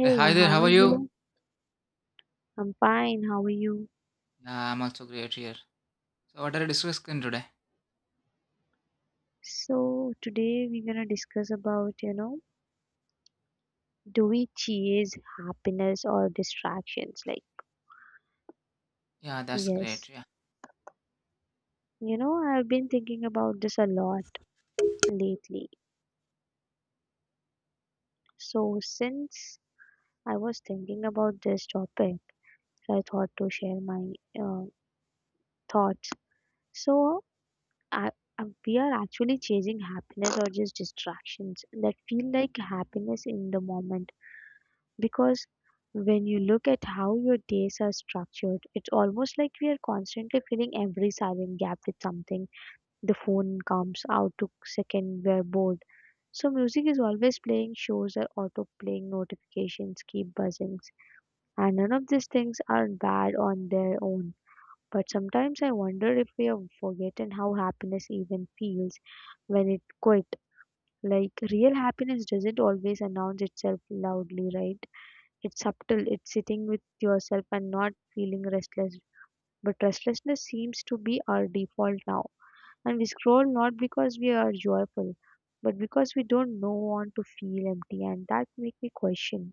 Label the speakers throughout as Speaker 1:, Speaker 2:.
Speaker 1: Hey, hi there,
Speaker 2: how
Speaker 1: how
Speaker 2: are
Speaker 1: are you?
Speaker 2: you? I'm fine. How are you?
Speaker 1: Yeah, I'm also great here. So, what are you discussing today?
Speaker 2: So today we're gonna discuss about, do we chase happiness or distractions? Like,
Speaker 1: Yeah, that's great.
Speaker 2: yes.
Speaker 1: Yeah,
Speaker 2: You know, I've been thinking about this a lot lately. So since I was thinking about this topic, I thought to share my uh, thoughts. So I, we are actually chasing happiness or just distractions that feel like happiness in the moment. Because when you look at how your days are structured, it's almost like we are constantly filling every silent gap with something. The phone comes out to second we're bored. So music is always playing, shows are auto playing, notifications keep buzzing. And none of these things are bad on their own. But sometimes I wonder if we have forgotten how happiness even feels when it quit. Like real happiness doesn't always announce itself loudly, right? It's subtle, it's sitting with yourself and not feeling restless. But restlessness seems to be our default now. And we scroll not because we are joyful, but because we don't know want to feel empty and that make me question.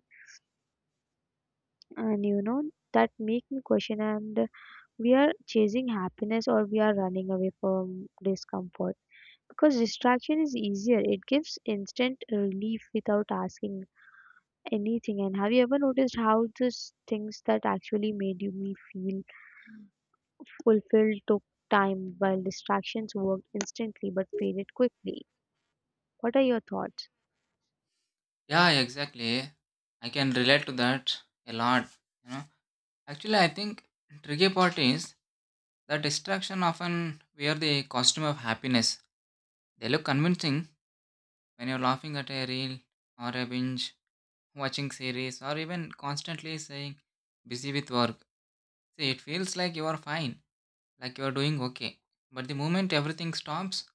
Speaker 2: And you know that make me question and we are chasing happiness or we are running away from discomfort. Because distraction is easier. It gives instant relief without asking anything and have you ever noticed how these things that actually made you me feel "fulfilled" took time, while "distractions" worked instantly but faded quickly. What are your thoughts?
Speaker 1: yeah, exactly. I can relate to that a lot. You know, actually, I think tricky part is that distraction often wear the costume of happiness. They look convincing when you're laughing at a reel or a binge, watching series, or even constantly saying busy with work. See, it feels like you are fine, like you are doing okay. But the moment everything stops,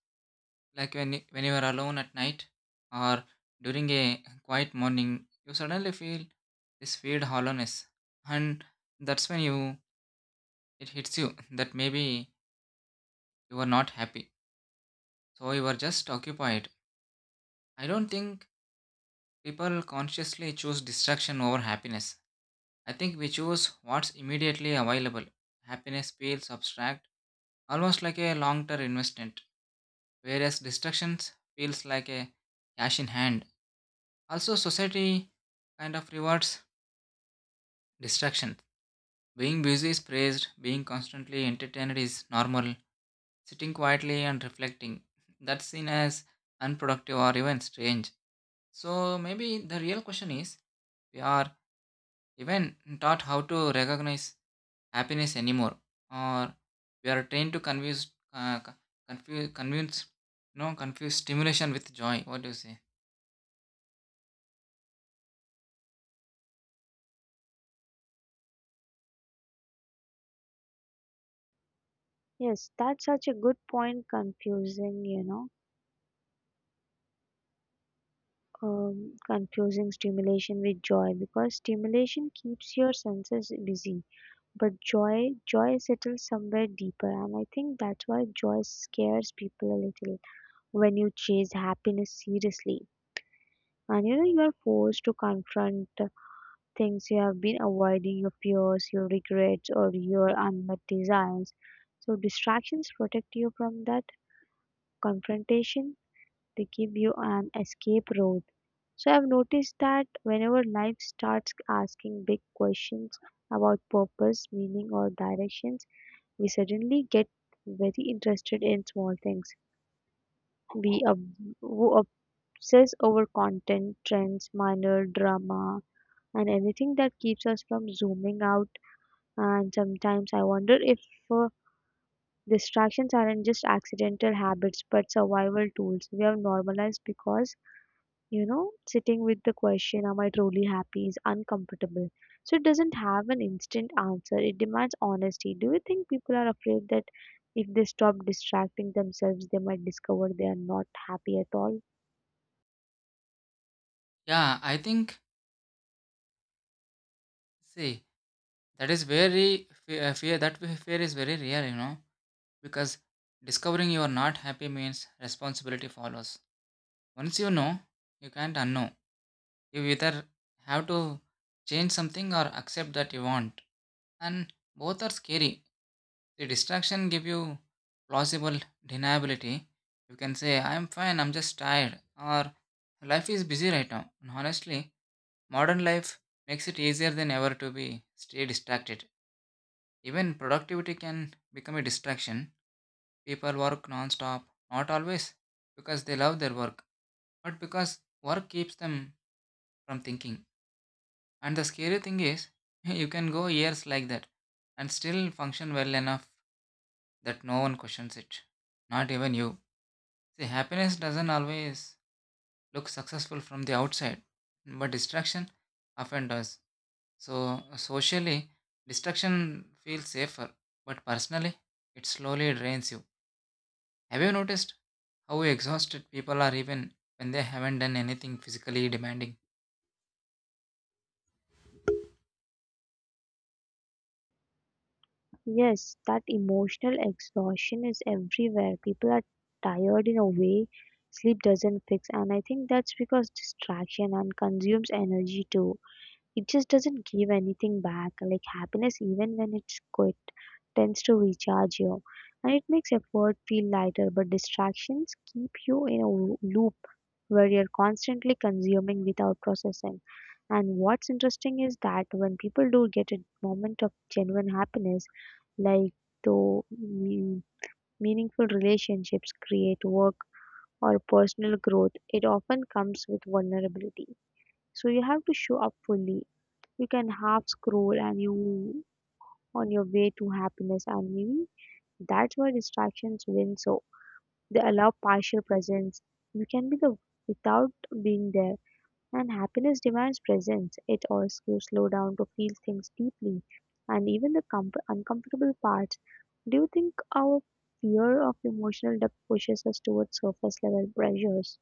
Speaker 1: like when you are alone at night or during a quiet morning, you suddenly feel this weird hollowness, and that's when you it hits you that maybe you are not happy. So you are just occupied. I don't think people consciously choose distraction over happiness. I think we choose what's immediately available. Happiness feels abstract, almost like a long-term investment, whereas distractions feels like a cash in hand. Also, society kind of rewards distraction. Being busy is praised, being constantly entertained is normal, sitting quietly and reflecting. That's seen as unproductive or even strange. So maybe the real question is we are even taught how to recognize happiness anymore, or we are trained to confuse, confuse, convince, no, confuse stimulation with joy. What do you say?
Speaker 2: Yes, that's such a good point. Confusing, you know, confusing stimulation with joy because stimulation keeps your senses busy, but joy, joy settles somewhere deeper, and I think that's why joy scares people a little when you chase happiness seriously. And you know, you are forced to confront things you have been avoiding, your fears, your regrets, or your unmet desires. So, distractions protect you from that confrontation, they give you an escape route. So, I've noticed that whenever life starts asking big questions about purpose, meaning, or directions, we suddenly get very interested in small things. We ob- wo- obsess over content, trends, minor drama, and anything that keeps us from zooming out. And sometimes I wonder if uh, distractions aren't just accidental habits but survival tools we have normalized because, sitting with the question, am I truly happy, is uncomfortable. So it doesn't have an instant answer, it demands honesty. Do you think people are afraid that if they stop distracting themselves, they might discover they are not happy at all?
Speaker 1: Yeah, I think, see, that is very fe- fear, that fe- fear is very real, you know, because discovering you are not happy means responsibility follows. Once you know, you can't unknow. You either have to change something or accept that you want. And both are scary. The distraction give you plausible deniability. You can say, I'm fine, I'm just tired, or life is busy right now. And honestly, modern life makes it easier than ever to be stay distracted. Even productivity can become a distraction. People work non-stop, not always because they love their work, but because work keeps them from thinking. And the scary thing is, you can go years like that and still function well enough that no one questions it. Not even you. See, happiness doesn't always look successful from the outside, but distraction often does. So, socially, distraction feels safer, but personally, it slowly drains you. Have you noticed how exhausted people are even when they haven't done anything physically demanding?
Speaker 2: Yes, that emotional exhaustion is everywhere. People are tired in a way sleep doesn't fix, and I think that's because distraction and consumes energy too it just doesn't give anything back. Like happiness, even when it's quit, tends to recharge you. And it makes effort feel lighter, but distractions keep you in a loop where you're constantly consuming without processing. And what's interesting is that when people do get a moment of genuine happiness, like though me- meaningful relationships create work or personal growth, it often comes with vulnerability. So you have to show up fully you can half scroll and you on your way to happiness and maybe that's why distractions win so they allow partial presence you can be the without being there and happiness demands presence it asks you slow down to feel things deeply and even the uncomfortable parts. Do you think our fear of emotional depth pushes us towards surface level pressures?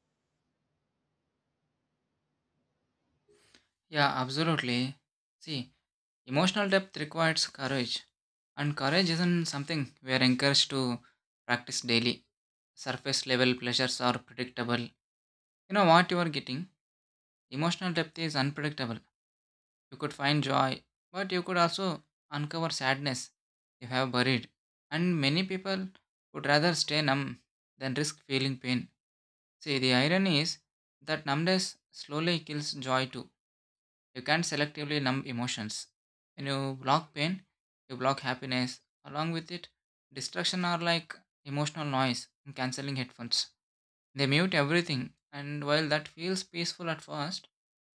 Speaker 1: Yeah, absolutely. See, emotional depth requires courage, and courage isn't something we are encouraged to practice daily. Surface level pleasures are predictable. You know what you are getting? Emotional depth is unpredictable. You could find joy, but you could also uncover sadness you have buried. And many people would rather stay numb than risk feeling pain. See, the irony is that numbness slowly kills joy too. You can't selectively numb emotions. When you block pain, you block happiness along with it. Distraction are like emotional noise in cancelling headphones. They mute everything, and while that feels peaceful at first,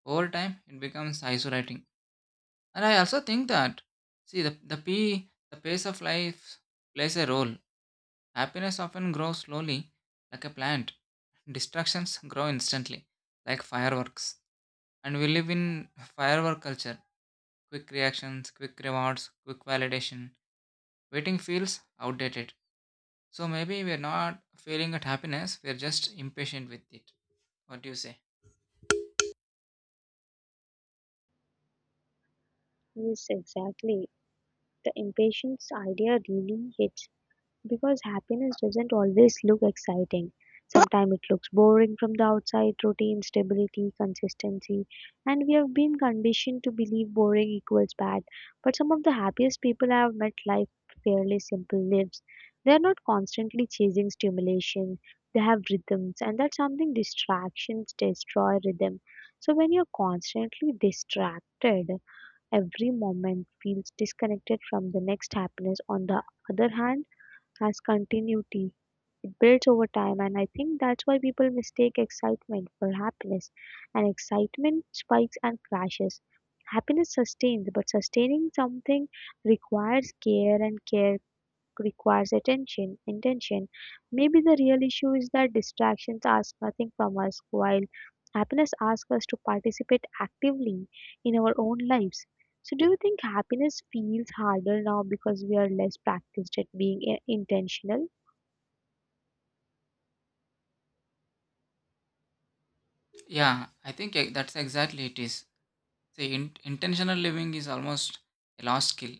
Speaker 1: over time it becomes isolating. And I also think that, see, the pace of life plays a role. Happiness often grows slowly, like a plant. Distractions grow instantly, like fireworks. And we live in firework culture. Quick reactions, quick rewards, quick validation. Waiting feels outdated. So maybe we're not failing at happiness. We're just impatient with it. What do you say?
Speaker 2: Yes, exactly, the impatience idea really hits. Because happiness doesn't always look exciting. Sometimes it looks boring from the outside routine, stability, consistency. And we have been conditioned to believe boring equals bad. But some of the happiest people I have met live fairly simple lives. They are not constantly chasing stimulation. They have rhythms, and that's something distractions destroy rhythm. So when you're constantly distracted, every moment feels disconnected from the next happiness. On the other hand, has continuity. It builds over time, and I think that's why people mistake excitement for happiness. And excitement spikes and crashes. Happiness sustains, but sustaining something requires care, and care requires attention, intention. Maybe the real issue is that distractions ask nothing from us, while happiness asks us to participate actively in our own lives. So, do you think happiness feels harder now because we are less practiced at being intentional?
Speaker 1: Yeah, that's exactly it is. See, intentional living is almost a lost skill.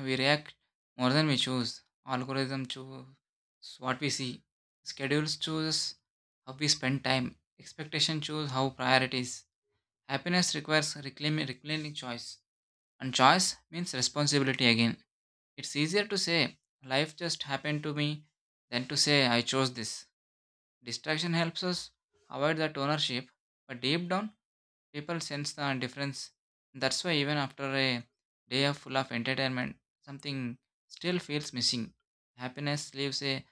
Speaker 1: We react more than we choose. Algorithm choose what we see. Schedules choose how we spend time. Expectation choose how priorities. Happiness requires reclaiming choice. And choice means responsibility again. It's easier to say, life just happened to me, than to say, I chose this. Distraction helps us avoid that ownership. But deep down, people sense the difference. That's why even after a day of full of entertainment, something still feels missing. Happiness leaves a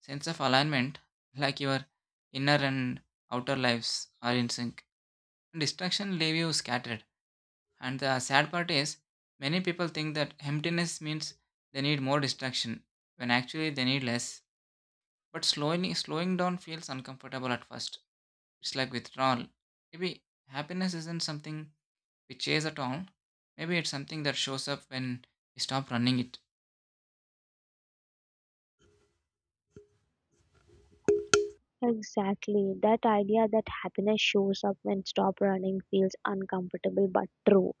Speaker 1: sense of alignment, like your inner and outer lives are in sync. Distraction leave you scattered. And the sad part is, many people think that emptiness means they need more distraction, when actually they need less. But slowing down feels uncomfortable at first. It's like withdrawal. Maybe happiness isn't something we chase at all. Maybe it's something that shows up when we stop running it.
Speaker 2: Exactly. That idea that happiness shows up when stop running feels uncomfortable but true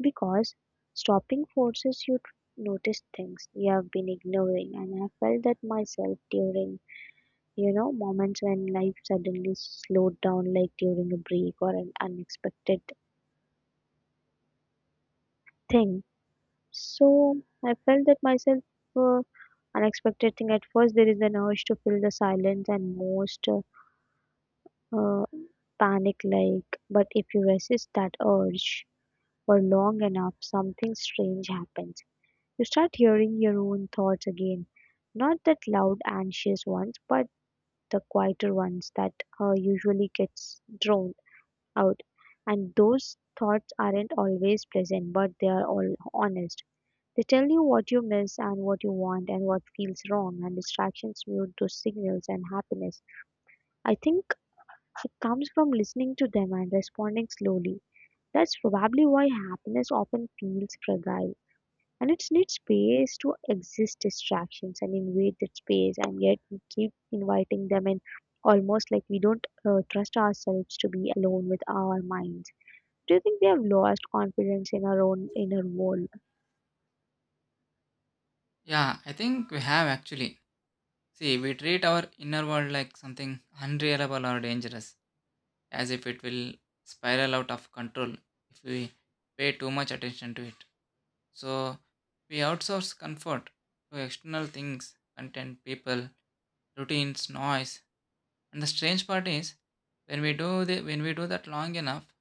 Speaker 2: because stopping forces you to notice things you have been ignoring and I felt that myself during you know moments when life suddenly slowed down like during a break or an unexpected thing. So I felt that myself uh, unexpected thing at first there is an urge to fill the silence and most uh, panic like, but if you resist that urge for long enough, something strange happens. You start hearing your own thoughts again, not that loud, anxious ones, but the quieter ones that usually gets drowned out. And those thoughts aren't always pleasant, but they are all honest. They tell you what you miss and what you want and what feels wrong, and distractions mute those signals and happiness. I think it comes from listening to them and responding slowly. That's probably why happiness often feels fragile. And it needs space to exist distractions and invade that space, and yet we keep inviting them in almost like we don't trust ourselves to be alone with our minds. Do you think we have lost confidence in our own inner world?
Speaker 1: Yeah, I think we have actually. See, we treat our inner world like something unreliable or dangerous, as if it will spiral out of control if we pay too much attention to it. So, we outsource comfort to external things, content, people, routines, noise. And the strange part is, when we do that long enough,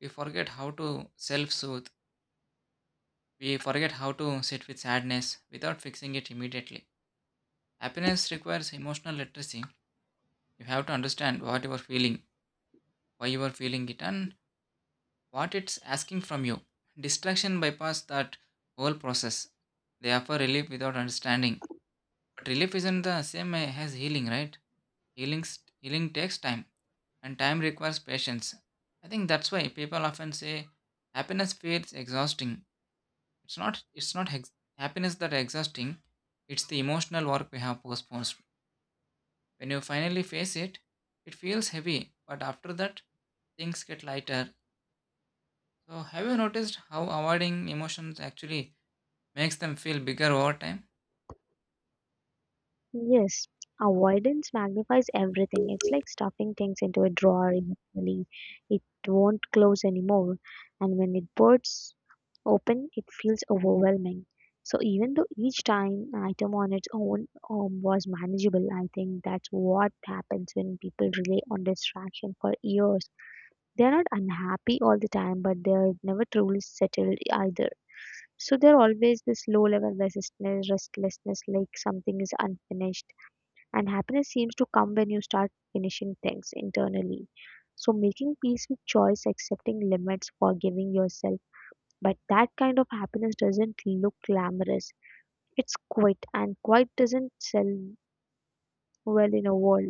Speaker 1: we forget how to self-soothe. We forget how to sit with sadness without fixing it immediately. Happiness requires emotional literacy. You have to understand what you are feeling, why you are feeling it, and what it's asking from you. Distraction bypass that whole process. They offer relief without understanding. But relief isn't the same as healing, right? Healing, Healing takes time, and time requires patience. I think that's why people often say happiness feels exhausting. It's not happiness that exhausting. It's the emotional work we have postponed. When you finally face it, it feels heavy, but after that, things get lighter. So, have you noticed how avoiding emotions actually makes them feel bigger over time?
Speaker 2: Yes, avoidance magnifies everything. It's like stuffing things into a drawer emotionally. It won't close anymore. And when it bursts open, it feels overwhelming. So even though each time item on its own was manageable, I think that's what happens when people rely on distraction for years. They're not unhappy all the time, but they're never truly settled either. So they're always this low level restlessness, like something is unfinished and happiness seems to come when you start finishing things internally. So, making peace with choice, accepting limits, forgiving yourself. But that kind of happiness doesn't look glamorous. It's quiet, and quiet doesn't sell well in a world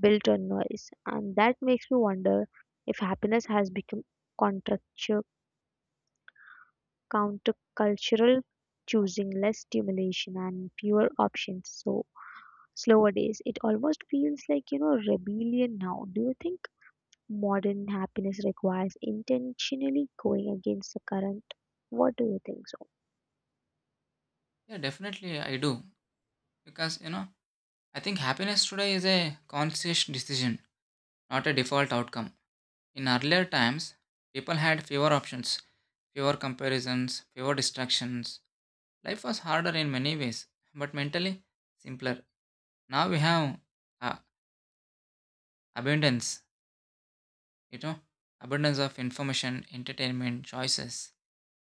Speaker 2: built on noise. And that makes me wonder if happiness has become contractu- countercultural, choosing less stimulation and fewer options. So, slower days. It almost feels like, rebellion now. Do you think? Modern happiness requires intentionally going against the current. What do you think so?
Speaker 1: Yeah, definitely I do. Because, you know, I think happiness today is a conscious decision, not a default outcome. In earlier times, people had fewer options, fewer comparisons, fewer distractions. Life was harder in many ways, but mentally simpler. Now we have uh, abundance, you know, abundance of information, entertainment, choices,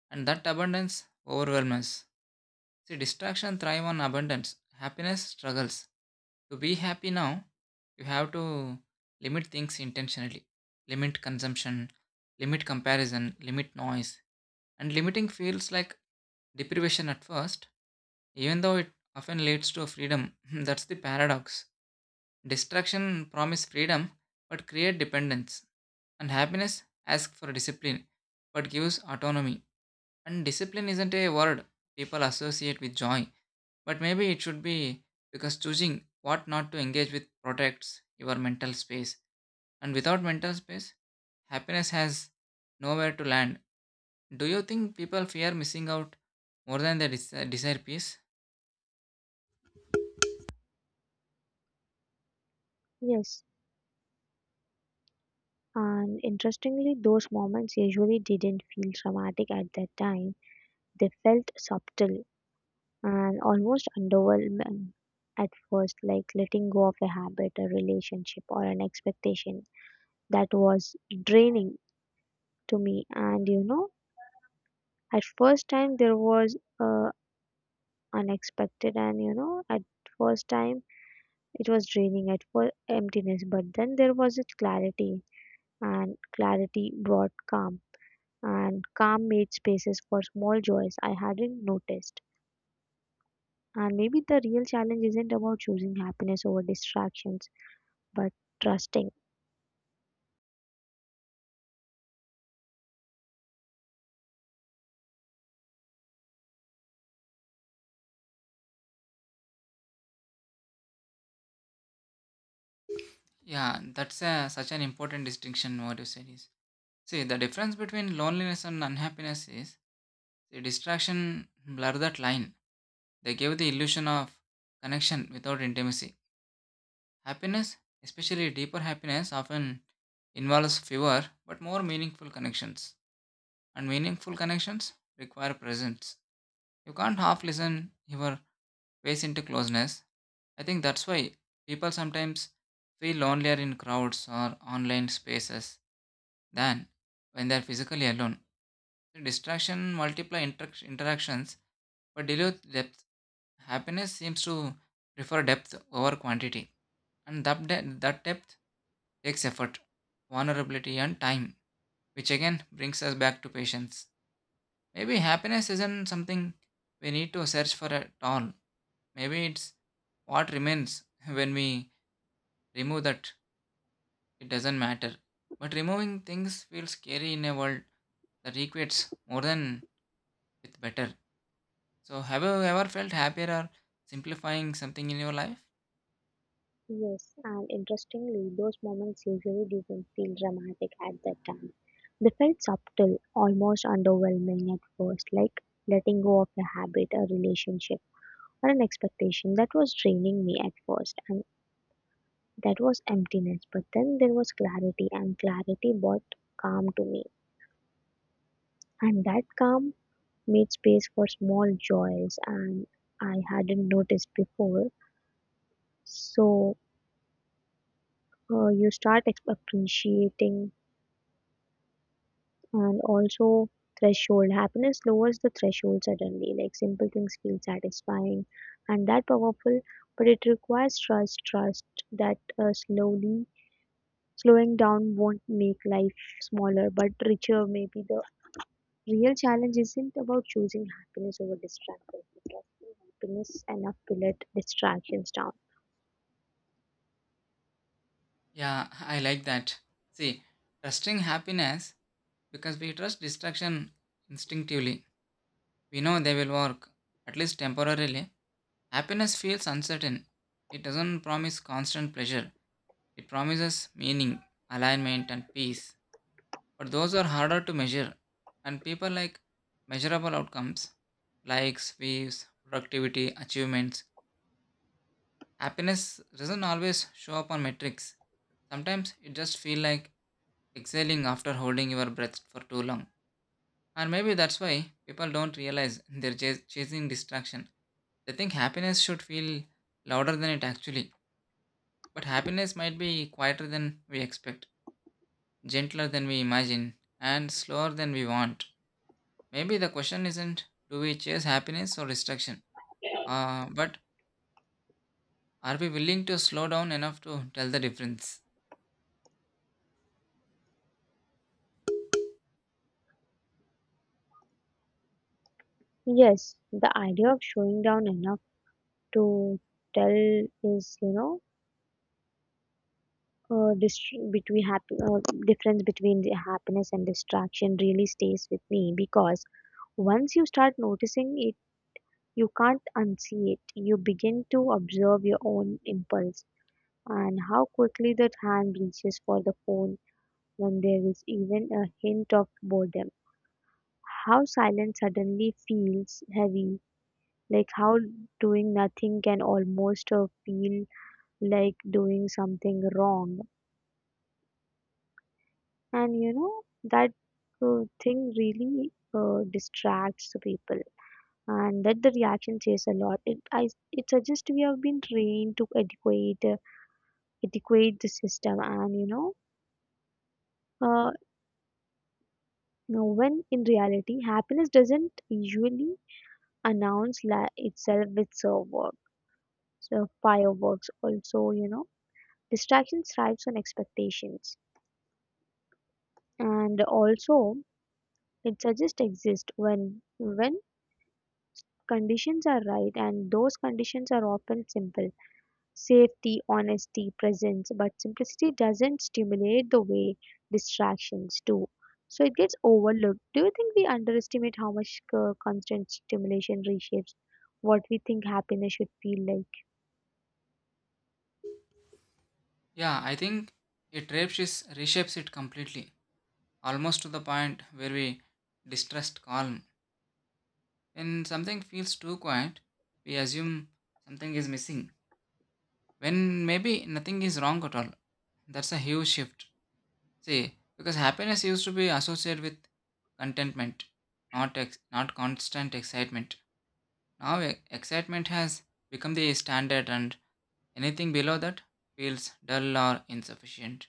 Speaker 1: and that abundance overwhelms us. See, distraction thrive on abundance, happiness struggles. To be happy now, you have to limit things intentionally, limit consumption, limit comparison, limit noise, and limiting feels like deprivation at first, even though it often leads to freedom. That's the paradox. Distraction promise freedom but create dependence. And happiness asks for discipline but gives autonomy. And discipline isn't a word people associate with joy, but maybe it should be, because choosing what not to engage with protects your mental space. And without mental space, happiness has nowhere to land. Do you think people fear missing out more than they desire peace?
Speaker 2: Yes, and interestingly, those moments usually didn't feel traumatic at that time. They felt subtle and almost underwhelming at first, like letting go of a habit, a relationship, or an expectation that was draining to me. And you know, at first time there was unexpected, and you know, at first time it was draining at for emptiness, but then there was a clarity, and clarity brought calm, and calm made spaces for small joys I hadn't noticed. And maybe the real challenge isn't about choosing happiness over distractions, but trusting.
Speaker 1: Yeah, that's a, such an important distinction, what you said is. See, the difference between loneliness and unhappiness is the distraction blur that line. They give the illusion of connection without intimacy. Happiness, especially deeper happiness, often involves fewer but more meaningful connections. And meaningful connections require presence. You can't half listen your ways into closeness. I think that's why people sometimes feel lonelier in crowds or online spaces than when they're physically alone. The distraction multiply interactions, but dilute depth. Happiness seems to prefer depth over quantity, and that depth takes effort, vulnerability, and time, which again brings us back to patience. Maybe happiness isn't something we need to search for at all. Maybe it's what remains when we remove that it doesn't matter. But removing things feels scary in a world that equates more than with better. So, have you ever felt happier or simplifying something in your life?
Speaker 2: Yes, and interestingly, those moments usually didn't feel dramatic at that time. They felt subtle, almost underwhelming at first, like letting go of a habit, a relationship, or an expectation that was draining me at first. And that was emptiness, but then there was clarity, and clarity brought calm to me. And that calm made space for small joys, and I hadn't noticed before. So you start appreciating, and also threshold happiness lowers the threshold suddenly. Like simple things feel satisfying, and that powerful, but it requires trust. Trust that slowly slowing down won't make life smaller but richer maybe the real challenge isn't about choosing happiness over distractions because happiness enough to let distractions down.
Speaker 1: Yeah, I like that. See, trusting happiness because we trust distraction instinctively. We know they will work, at least temporarily. Happiness feels uncertain. It doesn't promise constant pleasure, it promises meaning, alignment, and peace. But those are harder to measure, and people like measurable outcomes, likes, views, productivity, achievements. Happiness doesn't always show up on metrics. Sometimes it just feels like exhaling after holding your breath for too long. And maybe that's why people don't realize they're chasing distraction. They think happiness should feel louder than it actually. But happiness might be quieter than we expect, gentler than we imagine, and slower than we want. Maybe the question isn't do we chase happiness or distraction, but are we willing to slow down enough to tell the difference?
Speaker 2: Yes, the idea of showing down enough to tell is, you know, between happy difference between the happiness and distraction really stays with me because once you start noticing it, you can't unsee it. You begin to observe your own impulse and how quickly that hand reaches for the phone when there is even a hint of boredom. How silence suddenly feels heavy, like how doing nothing can almost feel like doing something wrong. And you know, that thing really distracts the people and that the reaction says a lot it suggests we have been trained to adequate the system and you know uh, no, when in reality happiness doesn't usually announce itself with fireworks, so fireworks also, you know. Distraction thrives on expectations. And also it suggests exist when conditions are right and those conditions are often simple. Safety, honesty, presence, but simplicity doesn't stimulate the way distractions do. So it gets overlooked. Do you think we underestimate how much constant stimulation reshapes what we think happiness should feel like?
Speaker 1: Yeah, I think it reshapes it completely, almost to the point where we distrust calm. When something feels too quiet, we assume something is missing, when maybe nothing is wrong at all. That's a huge shift. See, because happiness used to be associated with contentment, not constant excitement. Now excitement has become the standard, and anything below that feels dull or insufficient.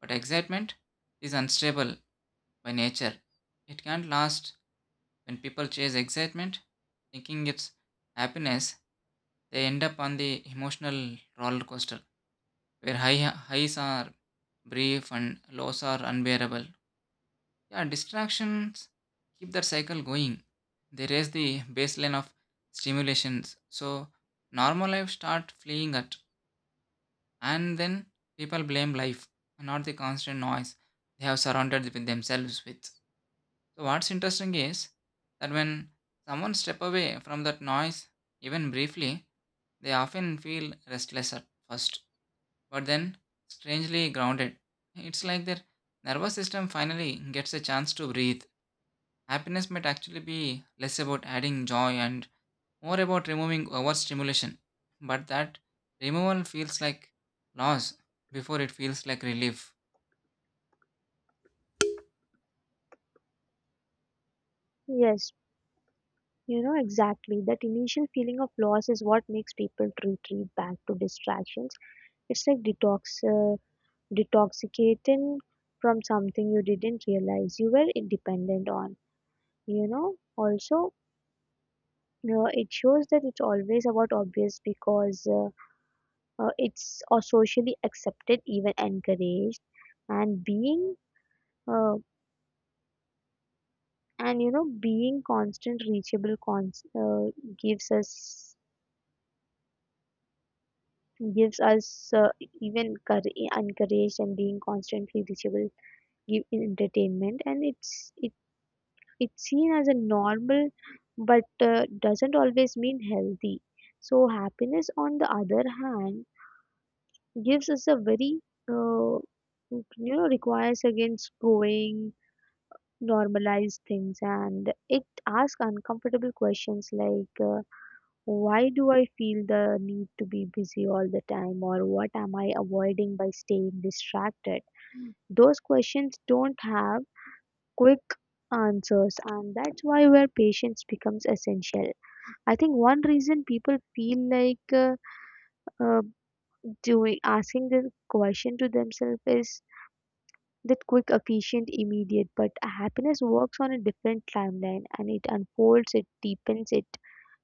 Speaker 1: But excitement is unstable by nature. It can't last. When people chase excitement, thinking it's happiness, they end up on the emotional roller coaster where highs are brief and lows are unbearable. Yeah, distractions keep that cycle going. They raise the baseline of stimulations. So normal life start fleeing at, and then people blame life, not the constant noise they have surrounded with themselves with. So what's interesting is that when someone step away from that noise, even briefly, they often feel restless at first, but then strangely grounded. It's like their nervous system finally gets a chance to breathe. Happiness might actually be less about adding joy and more about removing overstimulation, but that removal feels like loss before it feels like relief.
Speaker 2: Yes, you know, exactly. That initial feeling of loss is what makes people retreat back to distractions. It's like detoxicating from something you didn't realize you were dependent on. You know, also, it shows that it's always about obvious because it's socially accepted, even encouraged, and being. Uh, and you know, being constant, reachable, gives us gives us even courage, encouraged and being constantly reachable give in entertainment and it's seen as a normal but doesn't always mean healthy so happiness on the other hand gives us a very uh, requires against going normalized things and it asks uncomfortable questions like why do I feel the need to be busy all the time, or what am I avoiding by staying distracted? Those questions don't have quick answers, and that's why where patience becomes essential. I think one reason people feel like uh, doing asking this question to themselves is that quick, efficient, immediate, but happiness works on a different timeline and it unfolds, it deepens, it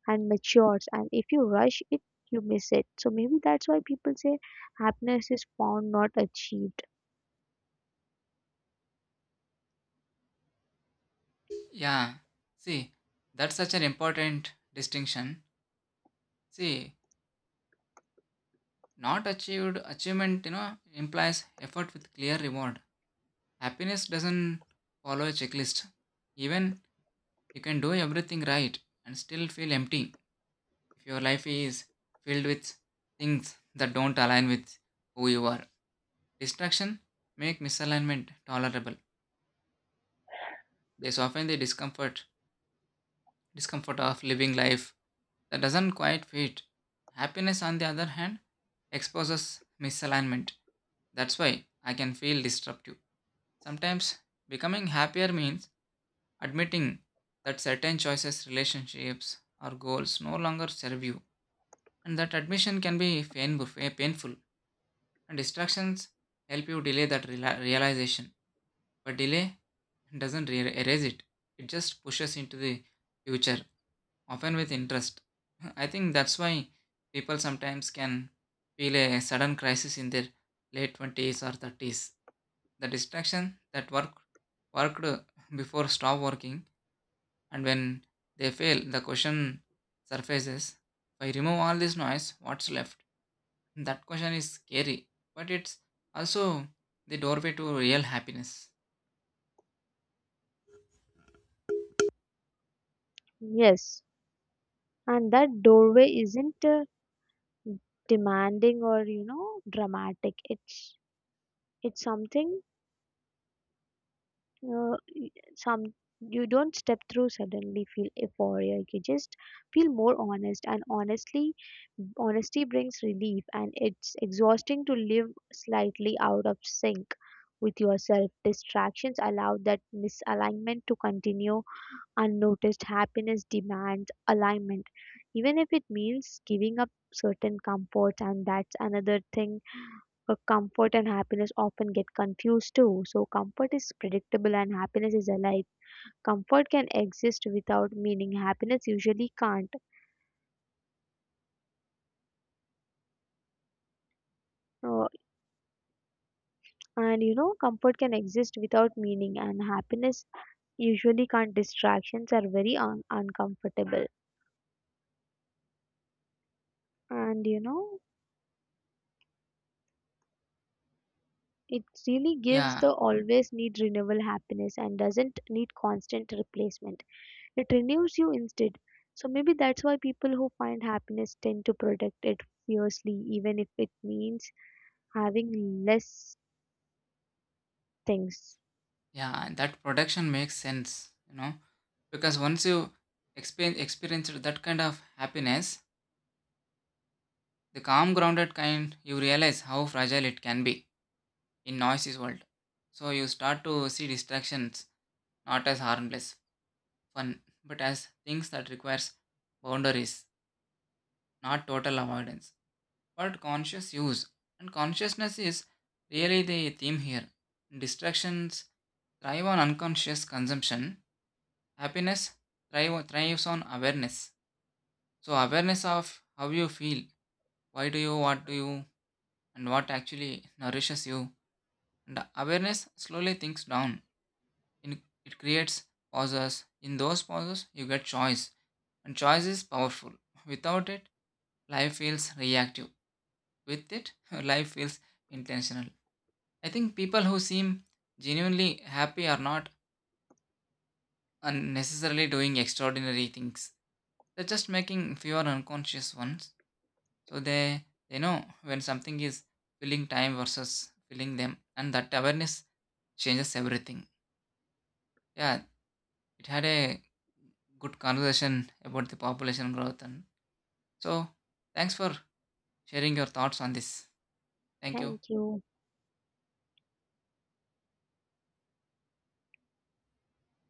Speaker 2: and matures and if you rush it you miss it so maybe that's why people say happiness is found not achieved.
Speaker 1: Yeah, see, that's such an important distinction. See, Not achieved achievement, you know, implies effort with clear reward. Happiness doesn't follow a checklist. Even you can do everything right and still feel empty if your life is filled with things that don't align with who you are. Distraction make misalignment tolerable. They soften the discomfort of living life that doesn't quite fit. Happiness, on the other hand, exposes misalignment. That's why I can feel disruptive. Sometimes becoming happier means admitting that certain choices, relationships, or goals no longer serve you, and that admission can be painful, and distractions help you delay that realization. But delay doesn't erase it, it just pushes into the future, often with interest. I think that's why people sometimes can feel a sudden crisis in their late 20s or 30s. The distraction that work, Worked before stop working, and when they fail, the question surfaces, if I remove all this noise, what's left? That question is scary, but it's also the doorway to real happiness.
Speaker 2: Yes, and that doorway isn't demanding or you know dramatic it's something some you don't step through suddenly feel euphoria you just feel more honest and honestly honesty brings relief and it's exhausting to live slightly out of sync with yourself distractions allow that misalignment to continue unnoticed happiness demands alignment even if it means giving up certain comforts and that's another thing comfort and happiness often get confused too. So, comfort is predictable and happiness is alike. Comfort can exist without meaning, happiness usually can't. Uh, and you know, comfort can exist without meaning, and happiness usually can't. Distractions are very uncomfortable. And you know, it really gives
Speaker 1: Yeah,
Speaker 2: the always need renewal happiness and doesn't need constant replacement. It renews you instead. So maybe that's why people who find happiness tend to protect it fiercely, even if it means having less things.
Speaker 1: Yeah, and that production makes sense, you know, because once you experienced that kind of happiness, the calm, grounded kind, you realize how fragile it can be in noisy world. So you start to see distractions not as harmless, fun, but as things that requires boundaries, not total avoidance, but conscious use. And consciousness is really the theme here. Distractions thrive on unconscious consumption. Happiness thrives on awareness. So awareness of how you feel, why do you, what do you, and what actually nourishes you. And awareness slowly thinks down. In, it creates pauses. In those pauses, you get choice, and choice is powerful. Without it, life feels reactive. With it, life feels intentional. I think people who seem genuinely happy are not unnecessarily doing extraordinary things. They're just making fewer unconscious ones. So they know when something is filling time versus filling them, and that awareness changes everything. Yeah, it had a good conversation about the population growth, and so thanks for sharing your thoughts on this. Thank you.
Speaker 2: Thank you.